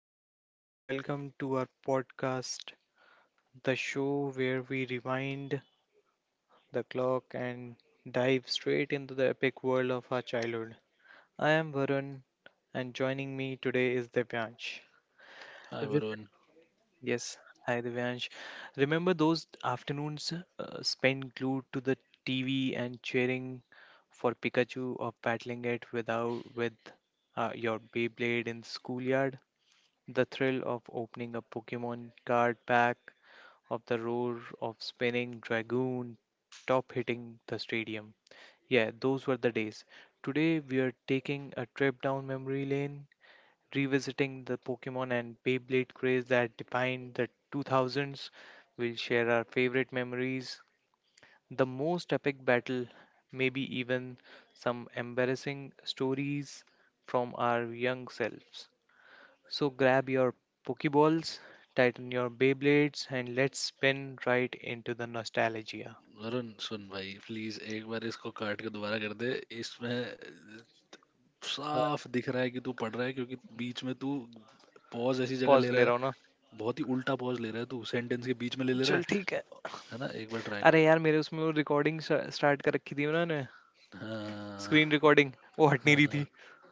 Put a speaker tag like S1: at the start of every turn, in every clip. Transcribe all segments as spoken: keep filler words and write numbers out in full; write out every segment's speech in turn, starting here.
S1: Hello, everyone. Welcome to our podcast, the show where we rewind the clock and dive straight into the epic world of our childhood. I am Varun, and joining me today is Divyansh. Is
S2: हाँ
S1: it-
S2: Varun.
S1: Yes, hi Divyansh. Remember those afternoons uh, spent glued to the T V and cheering for Pikachu or battling it without with uh, your Beyblade in the schoolyard? The thrill of opening a Pokemon card pack of the roar of spinning dragoon top hitting the stadium. Yeah, those were the days. Today we are taking a trip down memory lane, revisiting the Pokemon and Beyblade craze that defined the two thousands. We'll share our favorite memories, the most epic battle, maybe even some embarrassing stories from our young selves. So grab your Pokeballs, tighten your Beyblades, and let's spin right into the nostalgia.
S2: Varun सुन भाई, please एक बार इसको काट के दोबारा कर दे। इसमें साफ दिख रहा है कि तू पढ़ रहा है क्योंकि बीच में तू पॉज ऐसी जगह
S1: Pause
S2: ले रहा
S1: le
S2: है,
S1: rona.
S2: बहुत ही उल्टा पॉज ले रहा है, तू सेंटेंस के बीच में ले ले रहा
S1: चल
S2: है।
S1: ठीक है.
S2: है ना? एक बार ट्राई
S1: अरे
S2: कर।
S1: यार मेरे उसमें वो recording start कर रखी थी ना ने.
S2: हाँ
S1: Screen recording. वो हटने रही
S2: हाँ।
S1: थी.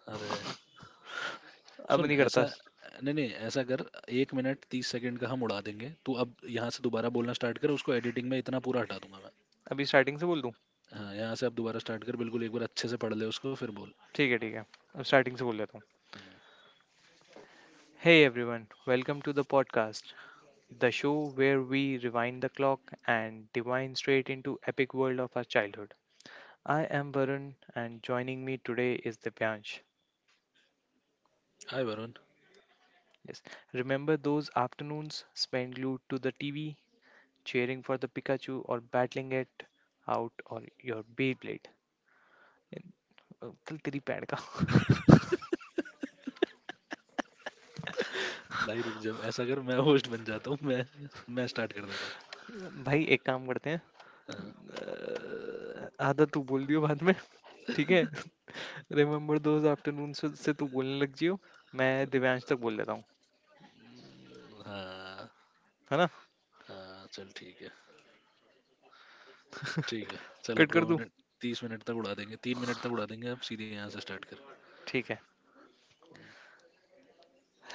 S2: अरे
S1: अब
S2: सुन,
S1: नहीं
S2: ऐसा
S1: करता.
S2: नहीं नहीं, ऐसा कर। एक मिनट तीस सेकंड का हम उड़ा देंगे, तू अब यहाँ से दोबारा बोलना स्टार्ट कर, उसको एडिटिंग में इतना पूरा हटा दूंगा मैं।
S1: अभी settings से बोल दूँ.
S2: हाँ, यहाँ से अब दोबारा स्टार्ट कर, बिल्कुल एक बार अच्छे से पढ़ ले उसको फिर बोल।
S1: ठीक है ठीक है. अब settings से बोल देता हूँ. Hey everyone, welcome to the podcast. The show where we rewind the clock and dive straight into epic world of our childhood. I am Varun, and joining me today is Divyansh.
S2: Hi Varun.
S1: Yes, remember those afternoons spent glued to the T V, cheering for the Pikachu or battling it out or your Beyblade? इन- अ, चल तेरी pad का
S2: भाई रुक जाओ, ऐसा अगर मैं host बन जाता हूँ, मैं मैं स्टार्ट कर देता हूँ।
S1: भाई एक काम करते हैं अ, आधा तू बोल दियो बाद में ठीक है रिमेम्बर दोज आफ्टरनून से से तू बोलने लग जियो मैं दिव्यांश तक बोल देता हूँ
S2: हाँ,
S1: है ना
S2: हाँ चल ठीक है। ठीक है चल, अब
S1: कट कर
S2: दो
S1: दूँ
S2: मिनट तीस मिनट तक उड़ा देंगे, तीन मिनट तक उड़ा देंगे, अब सीधे यहाँ से स्टार्ट कर।
S1: ठीक है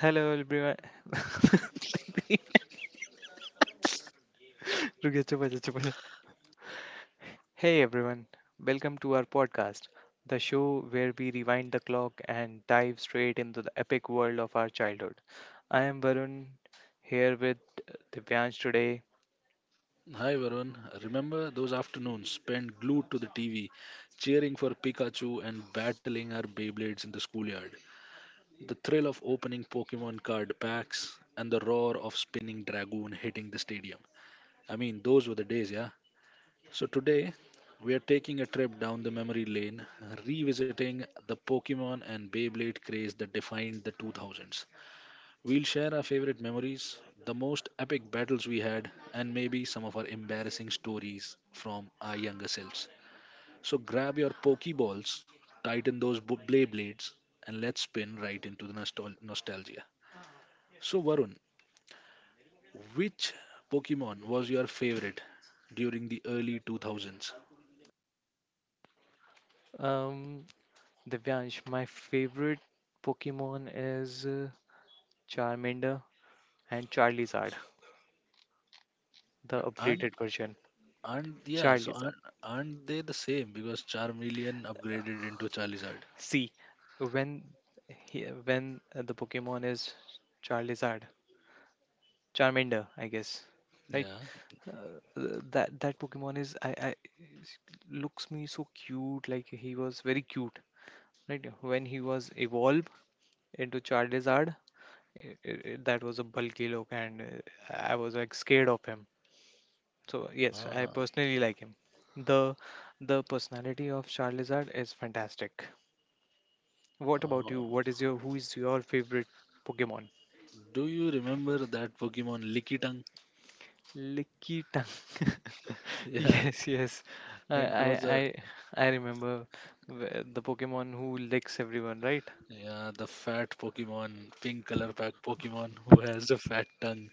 S1: हेलो एवरीवन रुकिए चुप हो जा चुप हो Hey everyone, welcome to our podcast, the show where we rewind the clock and dive straight into the epic world of our childhood. I am Varun here with Divyansh today.
S2: Hi everyone, remember those afternoons spent glued to the T V, cheering for Pikachu and battling our Beyblades in the schoolyard? The thrill of opening Pokemon card packs and the roar of spinning Dragoon hitting the stadium. I mean, those were the days, yeah? So, today we are taking a trip down the memory lane, revisiting the Pokemon and Beyblade craze that defined the two thousands. We'll share our favorite memories, the most epic battles we had, and maybe some of our embarrassing stories from our younger selves. So, grab your Pokeballs, tighten those bo- blade, and let's spin right into the nostal- nostalgia. So, Varun, which Pokemon was your favorite during the early two thousands?
S1: Um, Divyansh, my favorite Pokemon is uh, Charmander and Charizard, the
S2: And
S1: upgraded version.
S2: Aren't yeah? So
S1: Charizard.
S2: aren't, aren't they the same? Because Charmeleon upgraded into Charizard.
S1: See, when he, when uh, the Pokemon is Charizard, Charmander, I guess, right?
S2: Yeah.
S1: Uh, that that Pokemon is I, I looks me so cute. Like he was very cute, right? When he was evolved into Charizard, i i i- that was a bulky look, and uh, I was like scared of him. So yes, I
S2: Ah.
S1: personally like him. The the personality of Charizard is fantastic. What about
S2: Oh.
S1: you? What is your who is your favorite Pokemon?
S2: Do you remember that Pokemon Lickitung?
S1: Licky tongue.
S2: Yeah.
S1: Yes, yes. I,
S2: It
S1: I,
S2: was a
S1: I, I remember wh- the Pokemon who licks everyone, right?
S2: Yeah, the fat Pokemon, pink color pack Pokemon who has a fat tongue.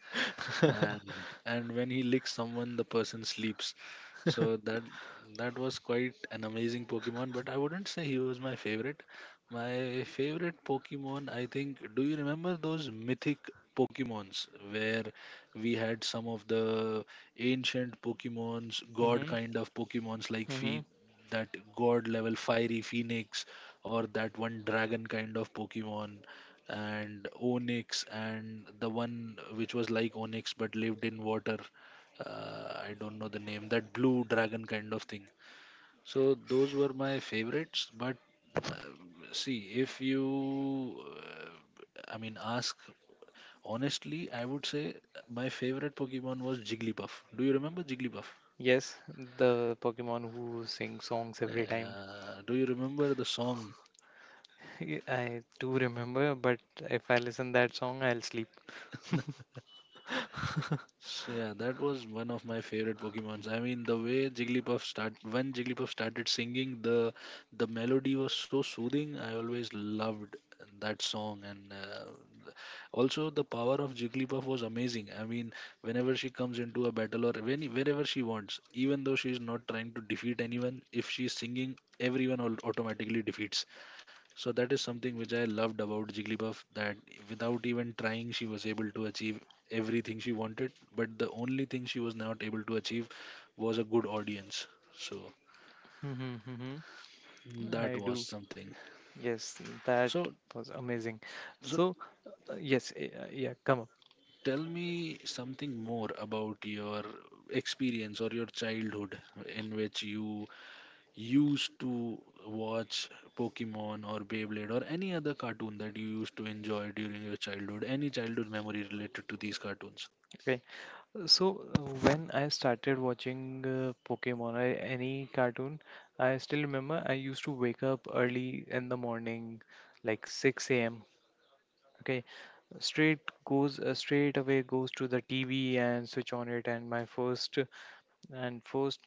S2: and and when he licks someone, the person sleeps. So that that was quite an amazing Pokemon, but I wouldn't say he was my favorite. My favorite Pokemon, I think, do you remember those mythic Pokemons where we had some of the ancient Pokemons, god
S1: Mm-hmm.
S2: kind of Pokemons, like
S1: Mm-hmm.
S2: Phe- that god level fiery phoenix, or that one dragon kind of Pokemon, and Onyx, and the one which was like Onyx but lived in water. Uh, I don't know the name, that blue dragon kind of thing. So those were my favorites. But uh, see, if you, uh, I mean, ask honestly, I would say my favorite Pokemon was Jigglypuff. Do you remember Jigglypuff?
S1: Yes, the Pokemon who sing songs every time.
S2: Uh, do you remember the song?
S1: Y- I do remember, but if I listen that song, I'll sleep.
S2: So yeah, that was one of my favorite Pokemons. I mean, the way Jigglypuff start when Jigglypuff started singing, the the melody was so soothing. I always loved that song, and uh, also the power of Jigglypuff was amazing. I mean, whenever she comes into a battle, or when wherever she wants, even though she is not trying to defeat anyone, if she is singing, everyone al- automatically defeats. So that is something which I loved about Jigglypuff, that without even trying, she was able to achieve everything she wanted. But the only thing she was not able to achieve was a good audience. So
S1: Mm-hmm, mm-hmm.
S2: that
S1: I
S2: was
S1: do.
S2: something.
S1: Yes, that
S2: So,
S1: was amazing.
S2: so
S1: So, uh, yes, eh, uh, yeah, come up.
S2: tell me something more about your experience or your childhood in which you used to watch Pokemon or Beyblade or any other cartoon that you used to enjoy during your childhood. Any childhood memory related to these cartoons?
S1: Okay. So uh, when I started watching uh, Pokemon or any cartoon, I still remember I used to wake up early in the morning, like six a m. Okay, straight goes uh, straight away goes to the T V and switch on it. And my first and first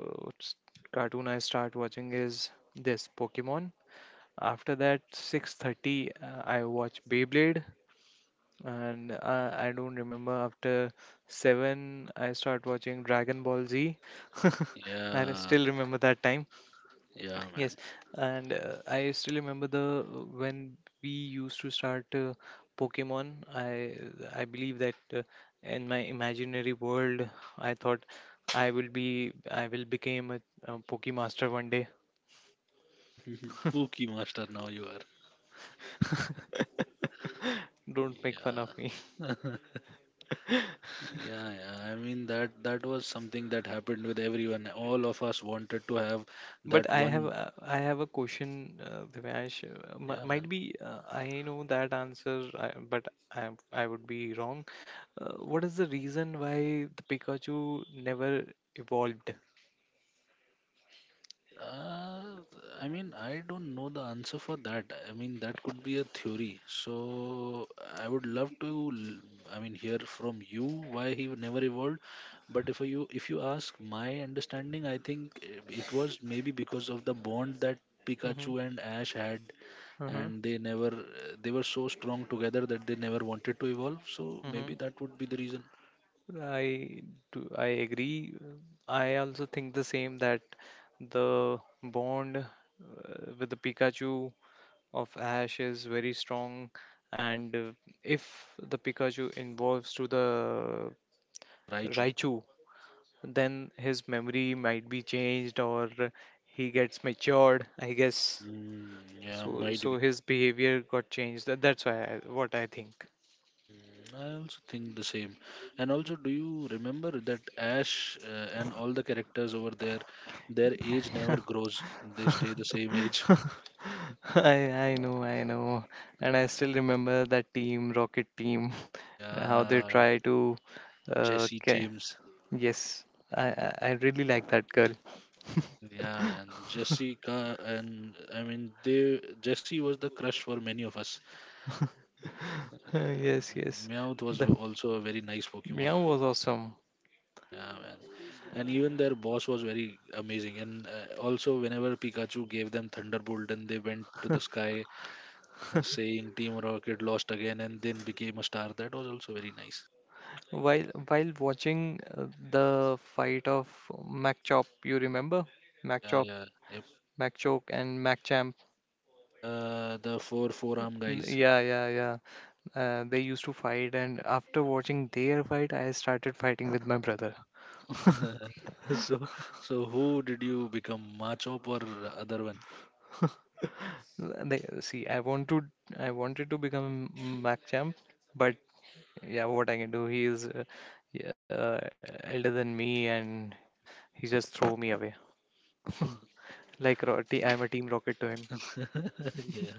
S1: uh, s- cartoon I start watching is this Pokemon. After that, six thirty uh, I watch Beyblade and uh, I don't remember after seven I start watching Dragon Ball Z. And I
S2: Yeah,
S1: still remember that time.
S2: yeah, man.
S1: Yes, and uh, I still remember the when we used to start uh, Pokemon. I I believe that uh, in my imaginary world, I thought I will be I will become a, a Pokemaster one day.
S2: Pookie master, now you are.
S1: Don't make fun of me.
S2: Yeah. Yeah, yeah. I mean, that that was something that happened with everyone. All of us wanted to have
S1: But
S2: that
S1: I have
S2: one.
S1: uh, I have a question, uh, Divyansh. uh, mi-
S2: Yeah,
S1: Might
S2: man.
S1: be uh, I know that answer, I, but I I would be wrong. Uh, what is the reason why the Pikachu never evolved?
S2: Uh, I mean, I don't know the answer for that. I mean, that could be a theory. So I would love to, l- I mean, hear from you why he never evolved. But if you if you ask my understanding, I think it it was maybe because of the bond that
S1: Mm-hmm,
S2: Pikachu and Ash had,
S1: mm-hmm,
S2: and they never they were so strong together that they never wanted to evolve. So
S1: mm-hmm.
S2: maybe that would be the reason.
S1: I do, I agree. uh, I also think the same that the bond uh, with the Pikachu of Ash is very strong, and uh, if the Pikachu involves to the
S2: Raichu.
S1: Raichu, then his memory might be changed or he gets matured, I guess.
S2: Mm, yeah,
S1: so
S2: might.
S1: so his behavior got changed. That- that's why I, what I think.
S2: I also think the same. And also, do you remember that Ash uh, and all the characters over there, their age never grows? They stay the same age.
S1: I I know, I know. And I still remember that team, Rocket team, how they
S2: Yeah,
S1: try to uh
S2: Jesse
S1: ca-
S2: James.
S1: yes. I I I really like that girl.
S2: Yeah, man. Jessica, and I mean, they Jesse was the crush for many of us. Yeah,
S1: Yes, yes.
S2: Meowth was
S1: The
S2: also a very nice Pokemon.
S1: Meow was awesome.
S2: Yeah, man. And even their boss was very amazing. And uh, also, whenever Pikachu gave them Thunderbolt and they went to the sky, uh, saying Team Rocket lost again and then became a star. That was also very nice.
S1: While while watching uh, the fight of MacChop, you remember
S2: Yeah,
S1: MacChop,
S2: yeah, yep.
S1: MacChoke, and MacChamp.
S2: Yeah. The four forearm
S1: N-
S2: guys.
S1: Yeah, yeah, yeah. Uh, they used to fight, and after watching their fight, I started fighting with my brother.
S2: So, so who did you become, Machop or other one?
S1: Uh, They, see, I want to, I wanted to become MacChamp, but yeah, what I can do? He is uh, yeah, elder than me, and he just throw me away. Like Ro- t- I'm a team rocket to
S2: Yeah.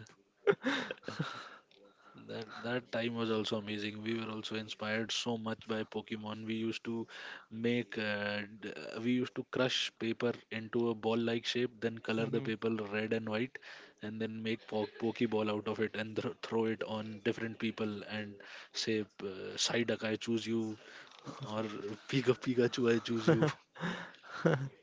S2: That that time was also amazing. We were also inspired so much by Pokemon. We used to make uh, d- uh, we used to crush paper into a ball-like shape, then color the
S1: him.
S2: paper red and white, and then make po- Pokeball out of it and th- throw it on different people and say, uh, Psyduck, I choose you, or Pika Pikachu, I choose you.
S1: Hmm.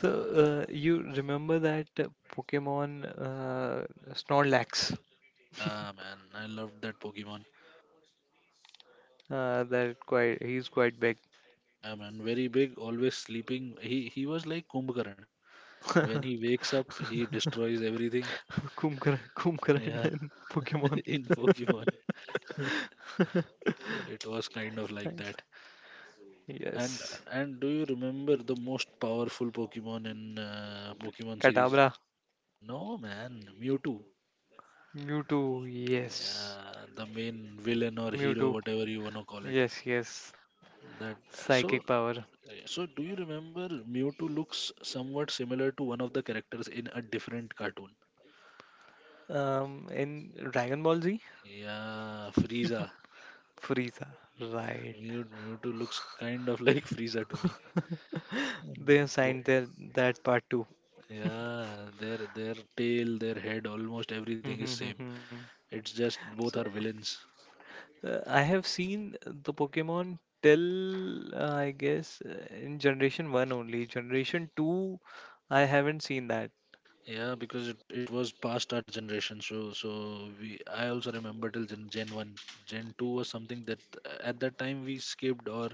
S1: So, uh, you remember that uh, Pokemon uh, Snorlax?
S2: Yeah, man, I loved that Pokemon.
S1: Uh, that quite he's quite big.
S2: Yeah, man, very big, always sleeping. He he was like Kumbhakaran. When he wakes up, he destroys everything.
S1: Kumkaran, Kumkaran
S2: Yeah,
S1: in Pokemon.
S2: in Pokemon, so it was kind of like
S1: Nice.
S2: that. And
S1: Yes.
S2: and do you remember the most powerful Pokemon in uh, Pokemon
S1: Kadabra.
S2: series? No, man, Mewtwo.
S1: Mewtwo, yes.
S2: Yeah, the main villain or hero,
S1: Mewtwo,
S2: whatever you wanna call it.
S1: yes, yes.
S2: That
S1: Psychic
S2: So,
S1: power.
S2: so do you remember Mewtwo looks somewhat similar to one of the characters in a different cartoon?
S1: Um, in Dragon Ball Z.
S2: Yeah, Frieza.
S1: Frieza, right?
S2: Mew- Mewtwo looks kind of like Frieza to me.
S1: They have
S2: Mm.
S1: signed their that part too.
S2: Yeah, their their tail, their head, almost everything
S1: Hmm,
S2: is same.
S1: hmm, hmm,
S2: It's just both are
S1: hmm.
S2: villains.
S1: Uh, I have seen the Pokemon till uh, I guess uh, in Generation one only. Generation two, I haven't seen that.
S2: Yeah, because it, it was past our generation, so so we I also remember till Gen, Gen one. Gen two was something that, uh, at that time we skipped, or,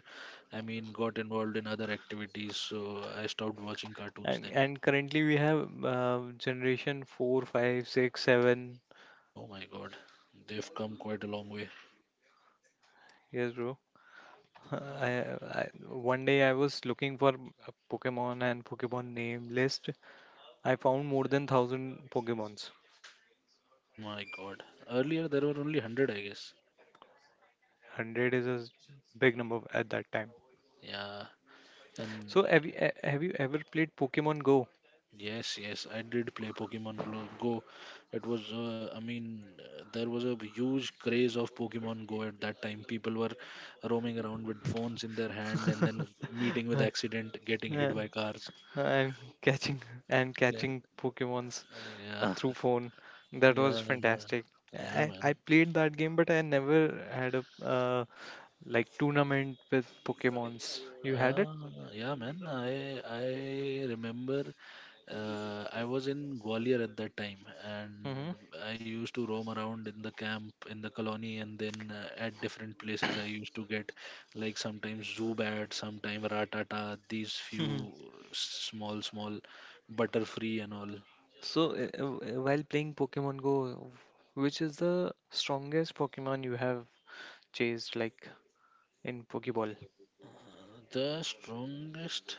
S2: I mean, got involved in other activities. So I stopped watching cartoons
S1: And
S2: then.
S1: and currently we have uh, Generation Four, Five, Six, Seven.
S2: Oh my God, they've come quite a long way.
S1: Yes, bro. Uh, I, I One day I was looking for a Pokemon and Pokemon name list. I found more than thousand Pokemons.
S2: My God, earlier there were only one hundred, I guess.
S1: Hundred is a s- big number at that time.
S2: Yeah, and
S1: So have you, eh, have you ever played Pokemon Go?
S2: Yes, yes, I did play Pokemon Glo- Go. It was, uh, I mean, uh, there was a huge craze of Pokemon Go at that time. People were roaming around with phones in their hand and then meeting with accident, getting hit by cars.
S1: And catching and
S2: Yeah,
S1: catching Pokemons
S2: yeah,
S1: through phone. That
S2: yeah,
S1: was fantastic.
S2: yeah,
S1: I,
S2: man.
S1: I played that game, but I never had a uh, like tournament with Pokemons. You had it?
S2: Uh, yeah, man. I I remember, Uh, I was in Gwalior at that time, and
S1: Mm-hmm.
S2: I used to roam around in the camp, in the colony, and then, uh, at different places. I used to get like sometimes Zubat, sometimes Ratata, these few small, small Butterfree and all.
S1: So uh, uh, while playing Pokemon Go, which is the strongest Pokemon you have chased, like in Pokeball?
S2: The strongest.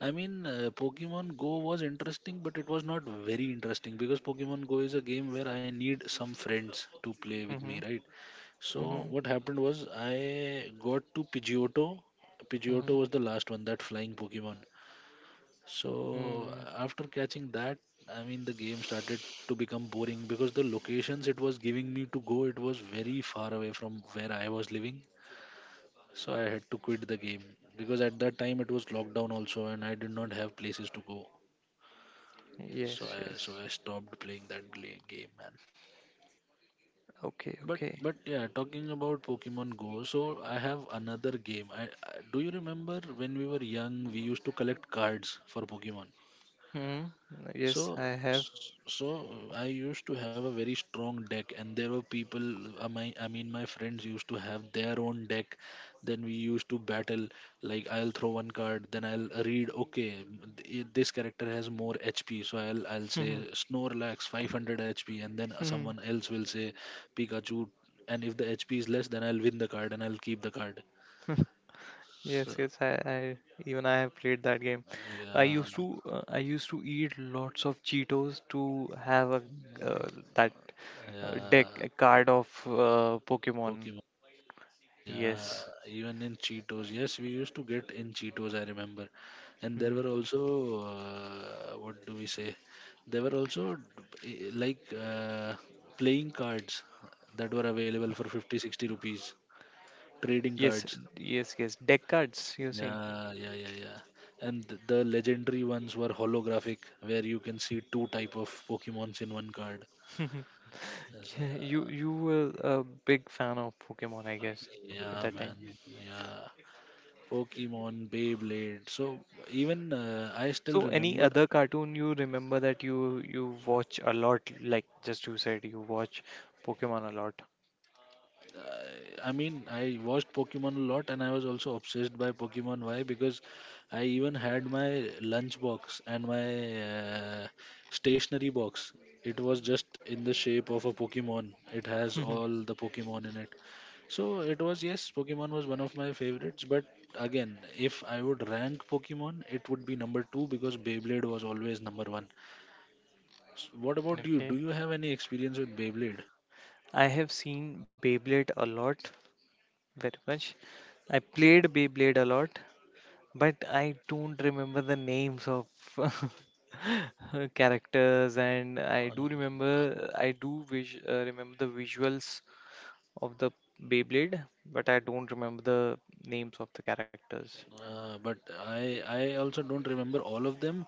S2: I mean, uh, Pokemon Go was interesting, but it was not very interesting because Pokemon Go is a game where I need some friends to play with me,
S1: Mm-hmm.
S2: right? So
S1: Mm-hmm.
S2: what happened was, I got to Pidgeotto.
S1: Mm-hmm.
S2: Pidgeotto was the last one, that flying Pokemon. So
S1: Mm.
S2: after catching that, I mean, the game started to become boring because the locations it was giving me to go, it was very far away from where I was living. So I had to quit the game because at that time it was lockdown also, and I did not have places to go.
S1: Yes.
S2: So I so
S1: Yes.
S2: I stopped playing that gla- game.
S1: Okay.
S2: But
S1: Okay.
S2: but yeah, talking about Pokemon Go, so I have another game. I, I Do you remember when we were young, we used to collect cards for Pokemon.
S1: Mm-hmm. Yes, I
S2: So,
S1: have.
S2: s- so I used to have a very strong deck, and there were people. uh, My, I mean, my friends used to have their own deck. Then we used to battle. Like, I'll throw one card, then I'll read. Okay, m- th- this character has more H P, so I'll I'll say Snorlax five hundred H P, and then someone else will say Pikachu. And if the H P is less, then I'll win the card and I'll keep the card.
S1: Yes, yes,
S2: So,
S1: I, I even I have played that game. I
S2: yeah,
S1: used to uh, I used to eat lots of Cheetos to have a uh, that uh, deck
S2: yeah,
S1: a card of uh, Pokemon.
S2: Pokemon. Yeah,
S1: Yes.
S2: even in Cheetos. Yes, we used to get in Cheetos, I remember. And there
S1: Hmm.
S2: were also, uh, what do we say? There were also, d- i- like uh, playing cards that were available for fifty, sixty rupees. Trading
S1: Yes,
S2: cards.
S1: yes, yes. Deck cards, you're saying.
S2: Yeah, yeah, yeah, yeah. And th- the legendary ones were holographic, where you can see two type of Pokemons in one card. Yes,
S1: You
S2: uh,
S1: you were a big fan of Pokemon, I guess, at
S2: yeah,
S1: that time.
S2: man. Yeah. Pokemon, Beyblade. So even, uh, I still
S1: So any
S2: remember.
S1: other cartoon you remember that you you watch a lot, like just you said, you watch Pokemon a lot.
S2: Uh, I mean, I watched Pokemon a lot, and I was also obsessed by Pokemon. Why? Because I even had my lunch box and my uh, stationery box. It was just in the shape of a Pokemon. It has all the Pokemon in it. So it was, yes, Pokemon was one of my favorites. But again, if I would rank Pokemon, it would be number two because Beyblade was always number one. S- What about you?
S1: Okay.
S2: Do you have any experience with Beyblade?
S1: I have seen Beyblade a lot, very much. I played Beyblade a lot, but I don't remember the names of characters, and I do remember, I do vis- uh, remember the visuals of the Beyblade, but I don't remember the names of the characters.
S2: Uh, but I I also don't remember all of them,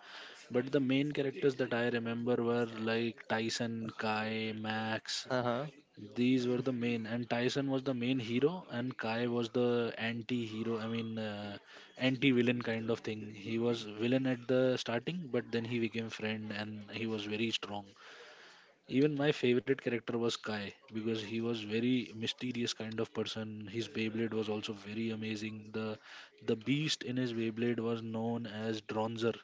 S2: but the main characters that I remember were like Tyson, Kai, Max.
S1: Uh huh.
S2: These were the main, and Tyson was the main hero, and Kai was the anti-hero. I mean, uh, anti-villain kind of thing. He was villain at the starting, but then he became friend, and he was very strong. Even my favorite character was Kai because he was very mysterious kind of person. His Beyblade was also very amazing. The the beast in his Beyblade was known as Dronzer,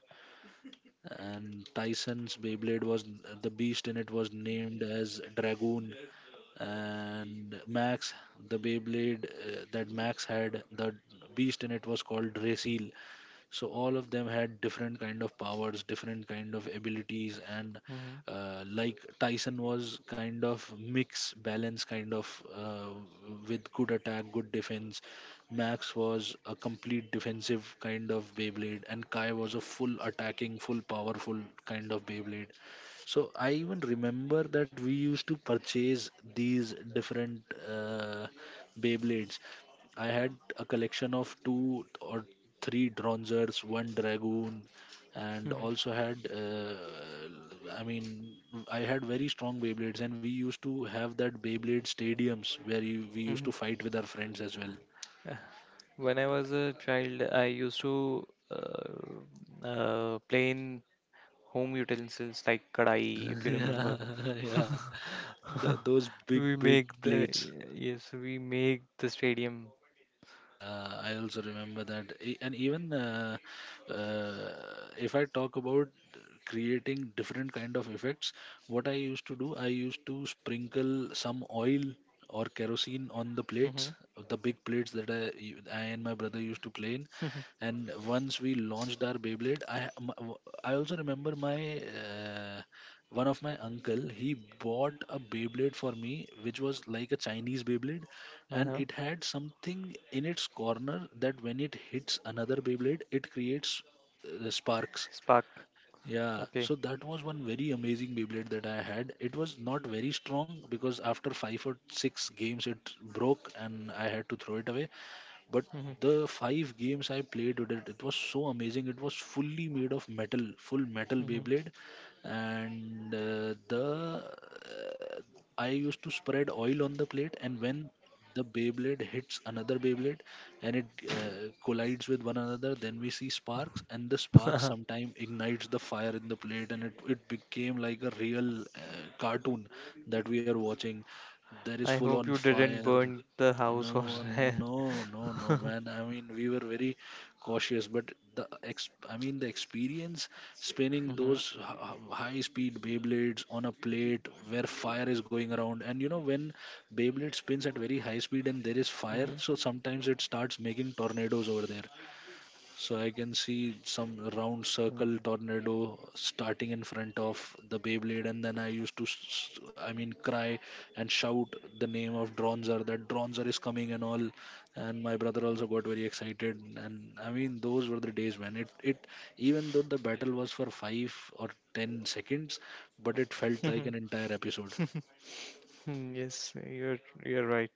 S2: and Tyson's Beyblade was the beast in it was named as Dragoon. And Max, the Beyblade uh, that Max had, the beast in it was called Drasil. So all of them had different kind of powers, different kind of abilities, and
S1: Hmm.
S2: uh, like Tyson was kind of mix balance kind of uh, with good attack, good defense. Max was a complete defensive kind of Beyblade and Kai was a full attacking, full powerful kind of Beyblade. So I even remember that we used to purchase these different uh, Beyblades. I had a collection of two or three Dronzers, one Dragoon, and also had, uh, I mean, I had very strong Beyblades, and we used to have that Beyblade stadiums where you, we used to
S1: Hmm.
S2: fight with our friends as well.
S1: When I was a child, I used to uh, uh, play in home utensils like kadai, if you
S2: Yeah,
S1: remember.
S2: yeah. Th those big,
S1: We
S2: big
S1: make the
S2: plates.
S1: yes, we make the stadium.
S2: Yeah, I also remember that. E- And even uh, uh, if I talk about creating different kind of effects, what I used to do, I used to sprinkle some oil or kerosene on the
S1: Hmm.
S2: plates, the big plates that I, u- I and my brother used to play in. And once we launched our Beyblade, I ha- m- w- I also remember my, uh, one of my uncle, he bought a Beyblade for me, which was like a Chinese Beyblade, and
S1: Uh-huh.
S2: it had something in its corner that when it hits another Beyblade, it creates uh, sparks.
S1: Spark.
S2: Yeah,
S1: Okay.
S2: so that was one very amazing Beyblade that I had. It was not very strong because after five or six games it broke and I had to throw it away. But
S1: Hmm.
S2: the five games I played with it, it was so amazing. It was fully made of metal, full metal
S1: Hmm.
S2: Beyblade, and uh, the uh, I used to spread oil on the plate, and when the Beyblade hits another Beyblade and it uh, collides with one another. Then we see sparks, and the spark sometime ignites the fire in the plate, and it, it became like a real uh, cartoon that we are watching. There is
S1: I
S2: full
S1: hope
S2: on
S1: you didn't
S2: fire.
S1: burn the house or.
S2: No, no, no, no,
S1: Hmm.
S2: man. I mean, we were very cautious, but the ex I mean, the experience spinning those high speed Beyblades on a plate where fire is going around, and you know, when Beyblade spins at very high speed and there is fire,
S1: Hmm.
S2: so sometimes it starts making tornadoes over there. So I can see some round circle tornado starting in front of the Beyblade, and then I used to, s- s- I mean, cry and shout the name of Dronzer that Dronzer is coming and all. And my brother also got very excited, and I mean, those were the days when it, it even though the battle was for five or ten seconds, but it felt like an
S1: Mhm.
S2: entire episode.
S1: Yes, you're you're right.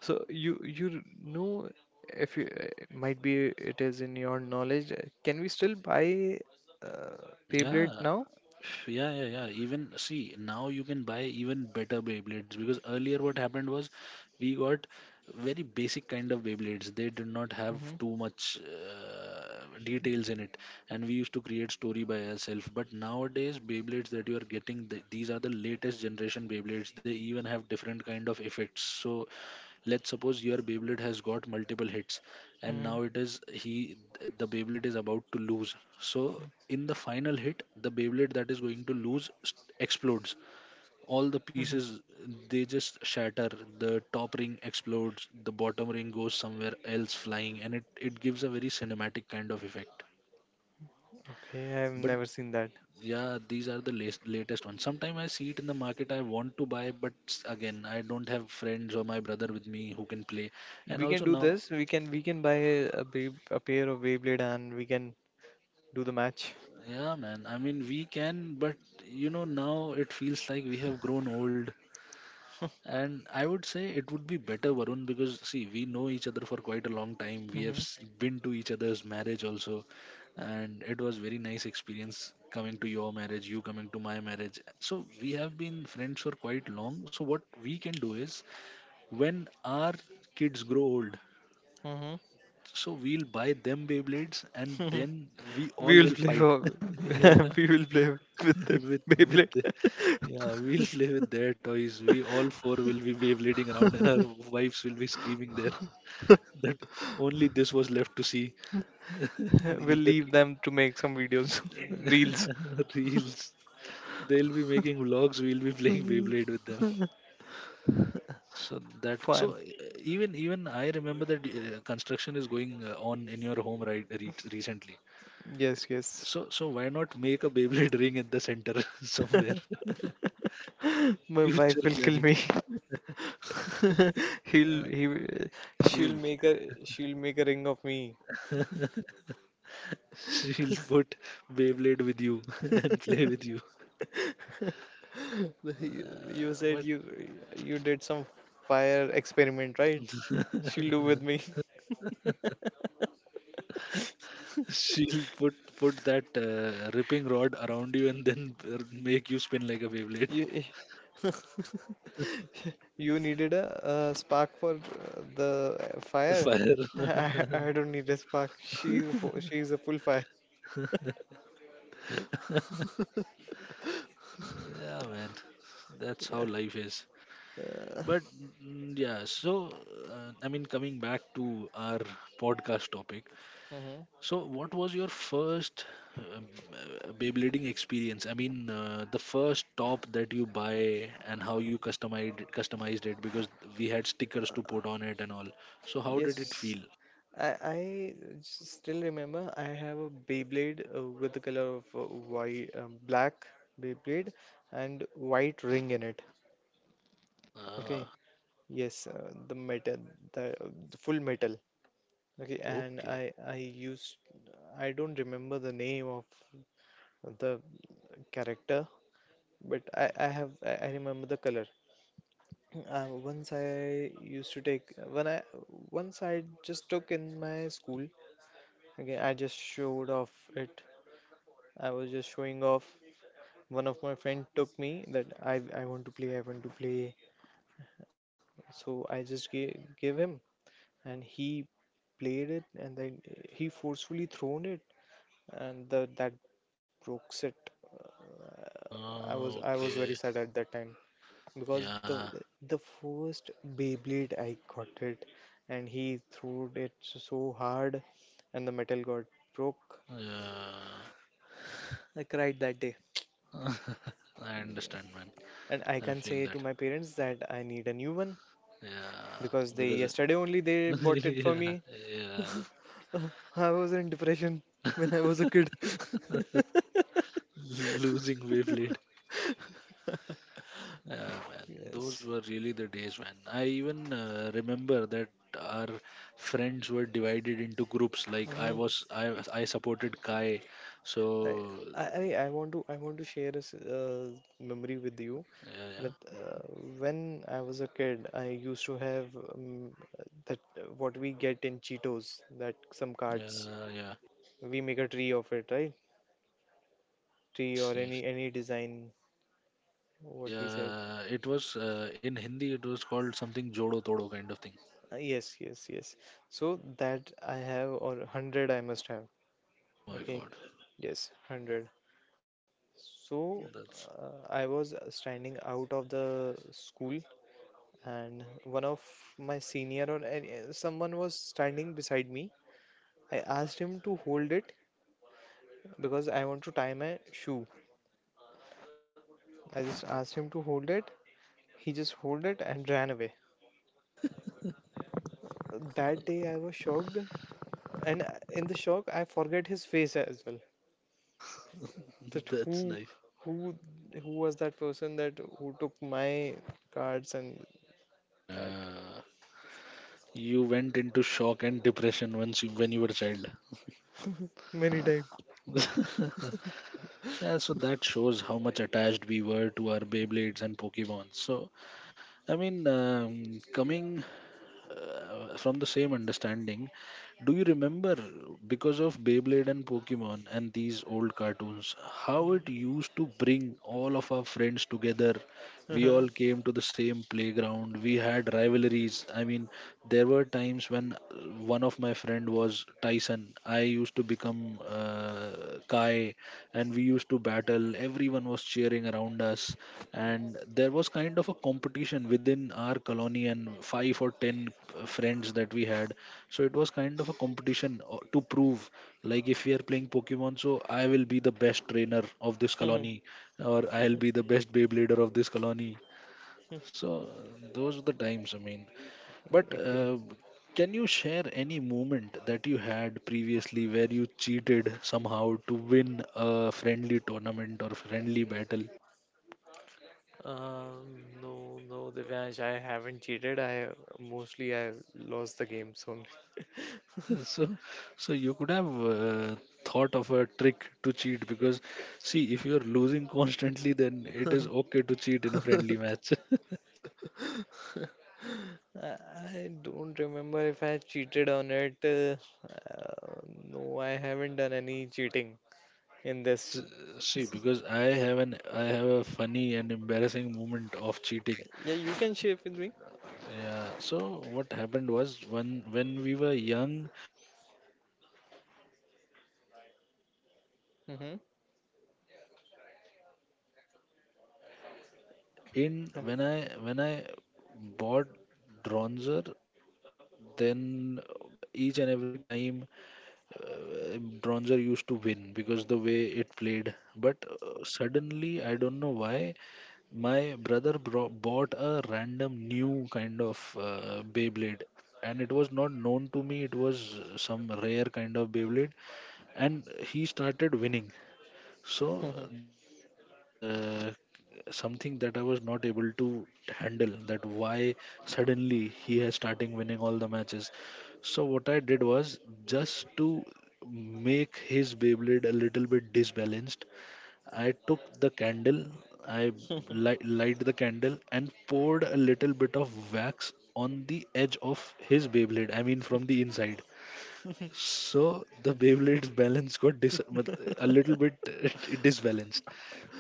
S1: So you you know if you uh, might be it is in your knowledge. Uh, can we still buy uh, Beyblade
S2: Yeah.
S1: now?
S2: Yeah, yeah, yeah. Even see now you can buy even better Beyblades because earlier what happened was we got very basic kind of Beyblades. They did not have
S1: Mhm,
S2: too much uh, details in it, and we used to create story by ourselves. But nowadays Beyblades that you are getting, th- these are the latest generation Beyblades. They even have different kind of effects. So let's suppose your Beyblade has got multiple hits and
S1: mhm,
S2: now it is he the Beyblade is about to lose. So
S1: mhm,
S2: in the final hit, the Beyblade that is going to lose s- explodes. All the
S1: mhm.
S2: pieces they just shatter. The top ring explodes, the bottom ring goes somewhere else flying, and it it gives a very cinematic kind of effect.
S1: Okay, I've
S2: But
S1: never seen that.
S2: yeah, these are the latest latest ones. Sometimes I see it in the market. I want to buy, but s- again, I don't have friends or my brother with me who can play. And
S1: We
S2: also
S1: can do
S2: now.
S1: this. We can we can buy a babe a pair of Beyblade and we can do the match.
S2: Yeah, man. I mean, we can, but you know, now it feels like we have grown old. And I would say it would be better, Varun, because see, we know each other for quite a long time. We have
S1: Hmm.
S2: s- been to each other's marriage also, and it was very nice experience coming to your marriage, you coming to my marriage. So we have been friends for quite long. So what we can do is, when our kids grow old,
S1: Hmm.
S2: so we'll buy them Beyblades, and then we
S1: We
S2: all
S1: will
S2: will
S1: play
S2: fight.
S1: for
S2: Yeah.
S1: we will play with the
S2: with with
S1: Beyblade.
S2: the- yeah, we'll play with their toys. We all four will be Beyblading around, and our wives will be screaming there that only this was left to see
S1: We'll
S2: in the
S1: leave them to make some videos, reels,
S2: reels. They'll be making vlogs. We'll be playing Beyblade with them. So that
S1: fun.
S2: so uh, even even I remember that, uh, construction is going uh, on in your home right re- recently.
S1: Yes, yes.
S2: So so why not make a Beyblade ring at the center somewhere?
S1: My
S2: Future
S1: wife will kill
S2: planning.
S1: me. He'll he will- she'll
S2: Seal.
S1: make a she'll make a ring of me.
S2: She'll put Beyblade with you and play with you.
S1: You, you
S2: Uh,
S1: said
S2: but
S1: you you did some fire experiment, right? She'll do with me.
S2: she'll put put that, uh, ripping rod around you and then uh, make you spin like a Beyblade.
S1: You you needed a, uh spark for uh, the uh, fire.
S2: Fire.
S1: I, I don't need a spark. She's a fu- she's a full fire.
S2: Yeah, man. That's how
S1: Yeah.
S2: life is.
S1: Uh,
S2: But mm, yeah, so uh, I mean, coming back to our podcast topic,
S1: mhm.
S2: so what was your first um, uh, Beyblading experience? I mean, uh, the first top that you buy and how you customized customized it because we had stickers to put on it and all. So, how did it
S1: Yes.
S2: feel?
S1: I I s- still remember I have a Beyblade uh, with the color of uh, white, um, black Beyblade and white ring in it. Okay.
S2: Ah,
S1: Yes, uh, the metal, the, the full metal. Okay, and
S2: okay.
S1: I I used I don't remember the name of the character, but I I have I I remember the color. Uh, once I used to take when I once I just took in my school. Okay, I just showed off it. I was just showing off. One of my friend took me that I I want to play. I want to play. So I just gave gave him, and he played it, and then he forcefully thrown it, and the that broke it. I was
S2: Ah,
S1: I was very
S2: okay.
S1: sad at that time because
S2: Yeah,
S1: the the first Beyblade I got it and he threw it so hard and the metal got broke.
S2: yeah.
S1: I cried that day
S2: I understand, man.
S1: and I
S2: I
S1: can
S2: feel
S1: say to
S2: that.
S1: my parents that I need a new one
S2: Yeah,
S1: because they
S2: because
S1: yesterday only they bought it for
S2: yeah,
S1: me.
S2: yeah.
S1: I was in depression when I was a kid.
S2: Losing wavelengths. Uh, man, those
S1: Yes.
S2: were really the days, man. I even uh, remember that our friends were divided into groups. Like I
S1: Mhm.
S2: was, I was- I supported Kai,
S1: I,
S2: so
S1: I I I want to I want to share a s- uh, memory with you.
S2: yeah,
S1: That uh, when I was a kid, I used to have um, that uh, what we get in Cheetos, that some
S2: yeah,
S1: cards.
S2: yeah, yeah.
S1: We make a tree of it, right? Tree or
S2: Yes,
S1: any
S2: yes.
S1: any design, what we said.
S2: Yeah, it was uh, in Hindi. It was called something Jodo Todo kind of thing.
S1: Uh, yes, yes, yes. So that I have or hundred I must have.
S2: Oh my
S1: Okay,
S2: God,
S1: yes, hundred. So
S2: that's
S1: uh, I was standing out of the school, and one of my senior or any, someone was standing beside me. I asked him to hold it because I want to tie my shoe. I just asked him to hold it. He just hold it and ran away. That day I was shocked, and uh, in the shock I forget his face as well. That
S2: that's
S1: who,
S2: nice.
S1: who, who was that person that who took my cards and that
S2: Uh, you went into shock and depression once you, when you were a child.
S1: many times.
S2: Yeah, so that shows how much attached we were to our Beyblades and Pokemon. So I mean, um, coming uh, from the same understanding, do you remember because of Beyblade and Pokemon and these old cartoons, how it used to bring all of our friends together? We
S1: Uh-huh.
S2: all came to the same playground. We had rivalries. I mean, there were times when, uh, one of my friend was Tyson. I used to become uh, Kai, and we used to battle. Everyone was cheering around us, and there was kind of a competition within our colony and five or ten uh, friends that we had. So it was kind of a competition uh, to prove, like if we are playing Pokemon, so I will be the best trainer of this colony or I'll be the best Beyblader of this colony. So uh, those are the times, I mean, but
S1: Agree.
S2: uh, can you share any moment that you had previously where you cheated somehow to win a friendly tournament or friendly battle?
S1: Um, no, no, Divyansh, I haven't cheated. I Mostly I lost the games only.
S2: So, so you could have uh, thought of a trick to cheat because, see, if you're losing constantly, then it is okay to cheat in a friendly match.
S1: Uh, I don't remember if I cheated on it. Uh, uh, no, I haven't done any cheating in
S2: S-
S1: this.
S2: See, because I have an I have a funny and embarrassing moment of cheating.
S1: Yeah, you can share with me.
S2: Yeah. So what happened was, when when we were young, so I I always used to buy dra-
S1: Hmm.
S2: Dronzer, and in when I when I bought Dronzer, then each and every time, uh, Bronzer used to win because the way it played. But uh, suddenly, I don't know why, my brother bro- bought a random new kind of uh, Beyblade. And it was not known to me, it was some rare kind of Beyblade. And he started winning. So that was that was uh, something that I was not able to handle, that why suddenly he has starting winning all the matches. So what I did was, just to make his Beyblade a little bit disbalanced, I took the candle. I light, light the candle and poured a little bit of wax on the edge of his Beyblade, I mean from the inside, so the Beyblade's balance got dis- mat- a little bit disbalanced.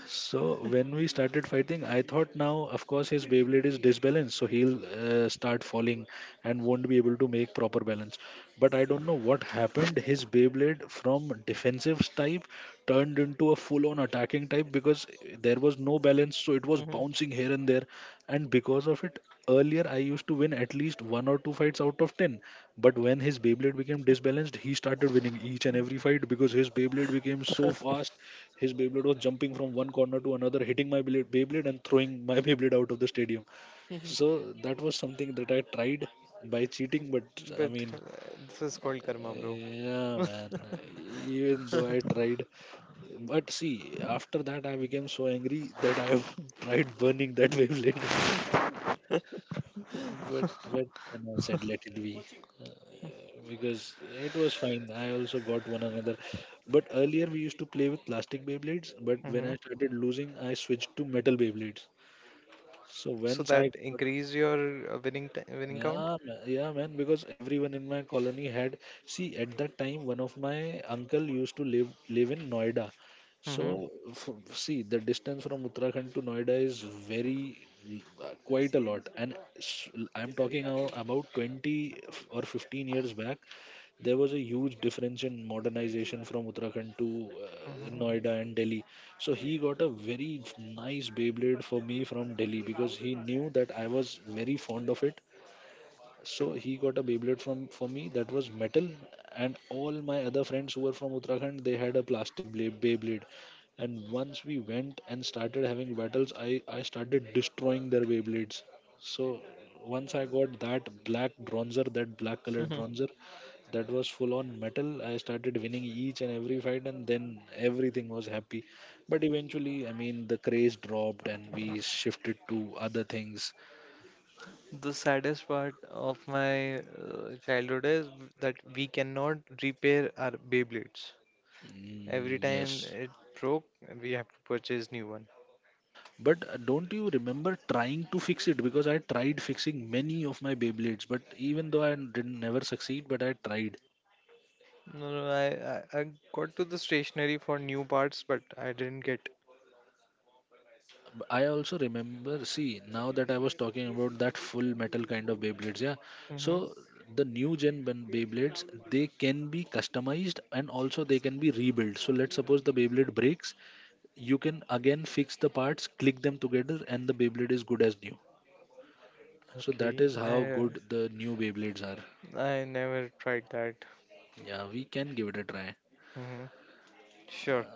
S2: So when we started fighting, I thought now, of course, his Beyblade is disbalanced, so he'll uh, start falling and won't be able to make proper balance. But I don't know what happened. His Beyblade from defensive type turned into a full-on attacking type because there was no balance, so it was bouncing here and there. And because of it, earlier I used to win at least one or two fights out of ten. But when his Beyblade became disbalanced, he started winning each and every fight because his Beyblade became so fast. His Beyblade was jumping from one corner to another, hitting my Beyblade Beyblade and throwing my Beyblade out of the stadium. So that was something that I tried by cheating, but I
S1: But uh,
S2: mean,
S1: this is called karma, bro.
S2: yeah, man. Even though I tried, but see, after that I became so angry that I tried burning that Beyblade. But but then I said let it be because it was fine. I also got one another. But earlier we used to play with plastic Beyblades. But when
S1: Hmm.
S2: I started losing, I switched to metal Beyblades. So
S1: So
S2: once I
S1: that
S2: got,
S1: increase your uh, winning t- winning
S2: yeah,
S1: count.
S2: ma- yeah, man, because everyone in my colony had, see, at that time, one of my uncle used to live live in Noida.
S1: Hmm.
S2: So, f see, the distance from Uttarakhand to Noida is very uh, quite a lot. And s- I'm talking now about twenty f- or fifteen years back, there was a huge difference in modernization from Uttarakhand to uh,
S1: Hmm.
S2: Noida and Delhi. So he got a very nice Beyblade for me from Delhi because he knew that I was very fond of it, so he got a Beyblade from for me that was metal, and all my other friends who were from Uttarakhand they had a plastic Bey- Beyblade. And once we went and started having battles, I I started destroying their Beyblades. So once I got that black bronzer, that black colored bronzer, that was full on metal. I started winning each and every fight, and then everything was happy. But eventually, I mean, the craze dropped, and we shifted to other things.
S1: The saddest part of my uh, childhood is that we cannot repair our Beyblades. Every
S2: Mm,
S1: time
S2: yes.
S1: it broke, we have to purchase new one.
S2: But uh, don't you remember trying to fix it? Because I tried fixing many of my Beyblades, but even though I didn't never succeed, but I tried.
S1: No, no, I, I, I got to the stationery for new parts, but I didn't get.
S2: Uh, b- I also remember, see, now that I was talking about that full metal kind of Beyblades, yeah.
S1: Hmm.
S2: So the new gen ben- Beyblades, they can be customized and also they can be rebuilt. So let's suppose the Beyblade breaks, you can again fix the parts, click them together, and the Beyblade is good as new. So that
S1: Okay,
S2: is how
S1: I
S2: good the new Beyblades are.
S1: I never tried that.
S2: Yeah, we can give it a try.
S1: Hmm. Sure,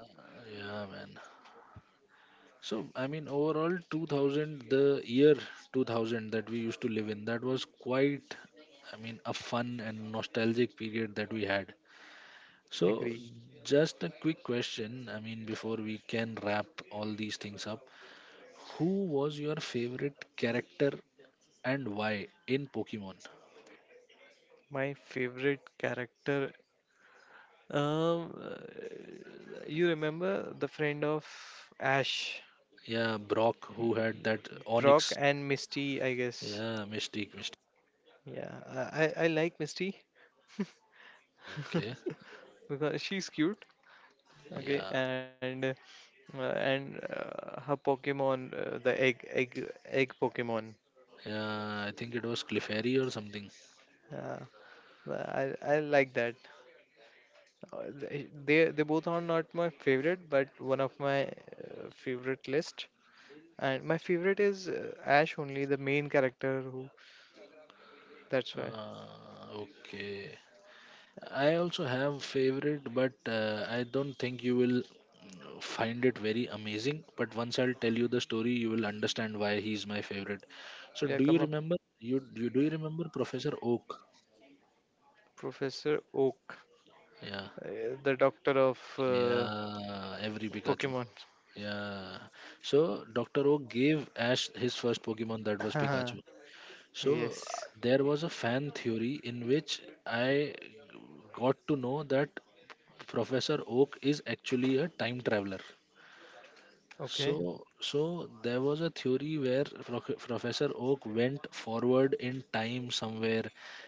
S2: Yeah, man. So, I mean, overall, two thousand, the year two thousand that we used to live in, that was quite, I mean, a fun and nostalgic period that we had. So,
S1: agree.
S2: just a quick question, I mean, before we can wrap all these things up, who was your favorite character and why in Pokemon?
S1: My favorite character. Um, uh, you remember the friend of Ash,
S2: Yeah, Brock, who had that
S1: Brock,
S2: Onyx.
S1: and Misty, I guess.
S2: Yeah, Mystique, Mystique.
S1: Yeah, I I, I like Misty
S2: Okay.
S1: because she's cute. Okay,
S2: Yeah.
S1: and Uh, and uh, her Pokemon, uh, the egg, egg, egg Pokemon.
S2: Yeah, I think it was Clefairy or something.
S1: Uh, I I like that. Uh, th- They they both are not my favorite, but one of my uh, favorite list. And my favorite is uh, Ash only, the main character. Who that's why.
S2: Uh, okay. I also have favorite, but uh, I don't think you will find it very amazing. But once I'll tell you the story, you will understand why he's my favorite. So,
S1: Yeah,
S2: do you
S1: come up,
S2: remember you, you do you remember Professor Oak?
S1: Professor Oak,
S2: Yeah,
S1: uh, the doctor of uh,
S2: yeah. Every Pikachu.
S1: Pokemon.
S2: Yeah. So doctor Oak gave Ash his first Pokemon that was Pikachu. So uh,
S1: Yes.
S2: there was a fan theory in which I got to know that Professor Oak is actually a time traveler.
S1: Okay.
S2: So, so there was a theory where Proc- Professor Oak went forward in time somewhere,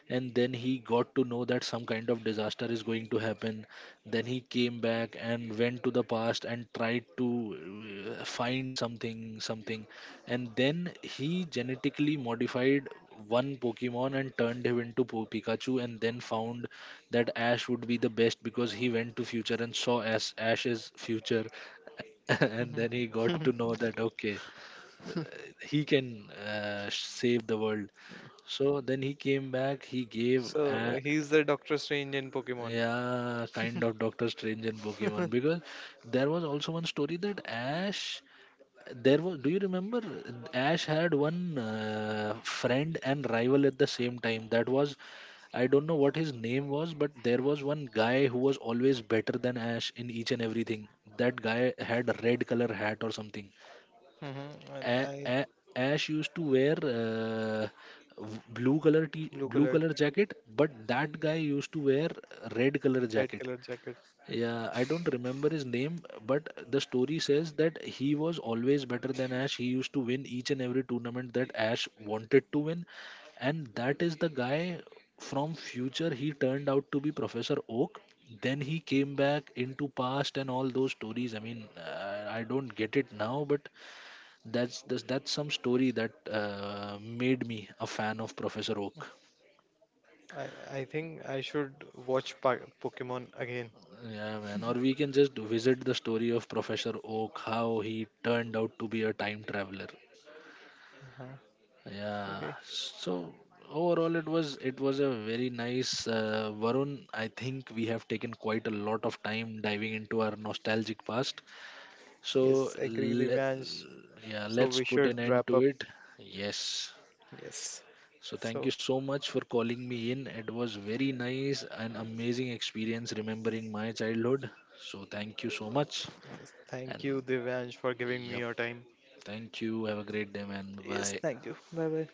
S2: and then he got to know that some kind of disaster is going to happen. Then he came back and went to the past and tried to uh, find something, something, and then he genetically modified one Pokemon and turned him into po- Pikachu, and then found that Ash would be the best because he went to future and saw ash ash's future, and then he
S1: Hmm.
S2: got to know that okay, uh, he can uh, sh- save the world. So then he came back, he gave
S1: So
S2: a,
S1: he's the Doctor Strange in Pokemon.
S2: yeah, kind of Doctor Strange and Pokemon, because there was also one story that Ash, there was, do you remember Ash had one uh, friend and rival at the same time, that was, I don't know what his name was, but there was one guy who was always better than Ash in each and everything. That guy had a red color hat or something.
S1: Mm-hmm. And
S2: A-
S1: I
S2: a- Ash used to wear uh, v- blue color t-
S1: blue
S2: blue
S1: colored,
S2: color jacket, but that guy used to wear red color
S1: red
S2: jacket.
S1: colored jacket.
S2: Yeah, I don't remember his name, but the story says that he was always better than Ash. He used to win each and every tournament that Ash wanted to win, and that is the guy from future. He turned out to be Professor Oak. Then he came back into past and all those stories. I mean, uh, I don't get it now, but that's that's, that's some story that uh, made me a fan of Professor Oak.
S1: I I think I should watch pa- Pokemon again.
S2: Yeah, man. Or we can just visit the story of Professor Oak, how he turned out to be a time traveler.
S1: Uh-huh.
S2: Yeah.
S1: Okay.
S2: So overall, it was it was a very nice uh, Varun. I think we have taken quite a lot of time diving into our nostalgic past. So
S1: Yes, agree,
S2: let,
S1: Devansh.
S2: yeah,
S1: So
S2: let's
S1: we
S2: put an
S1: should
S2: end
S1: wrap
S2: to
S1: up.
S2: it. Yes.
S1: Yes.
S2: So thank
S1: So
S2: you so much for calling me in. It was very nice and amazing experience remembering my childhood. So thank you so much
S1: yes, thank
S2: and,
S1: you, Devansh, for giving me
S2: yep.
S1: your time.
S2: Thank you. Have a great day, man.
S1: Yes,
S2: Bye.
S1: thank you. Bye bye.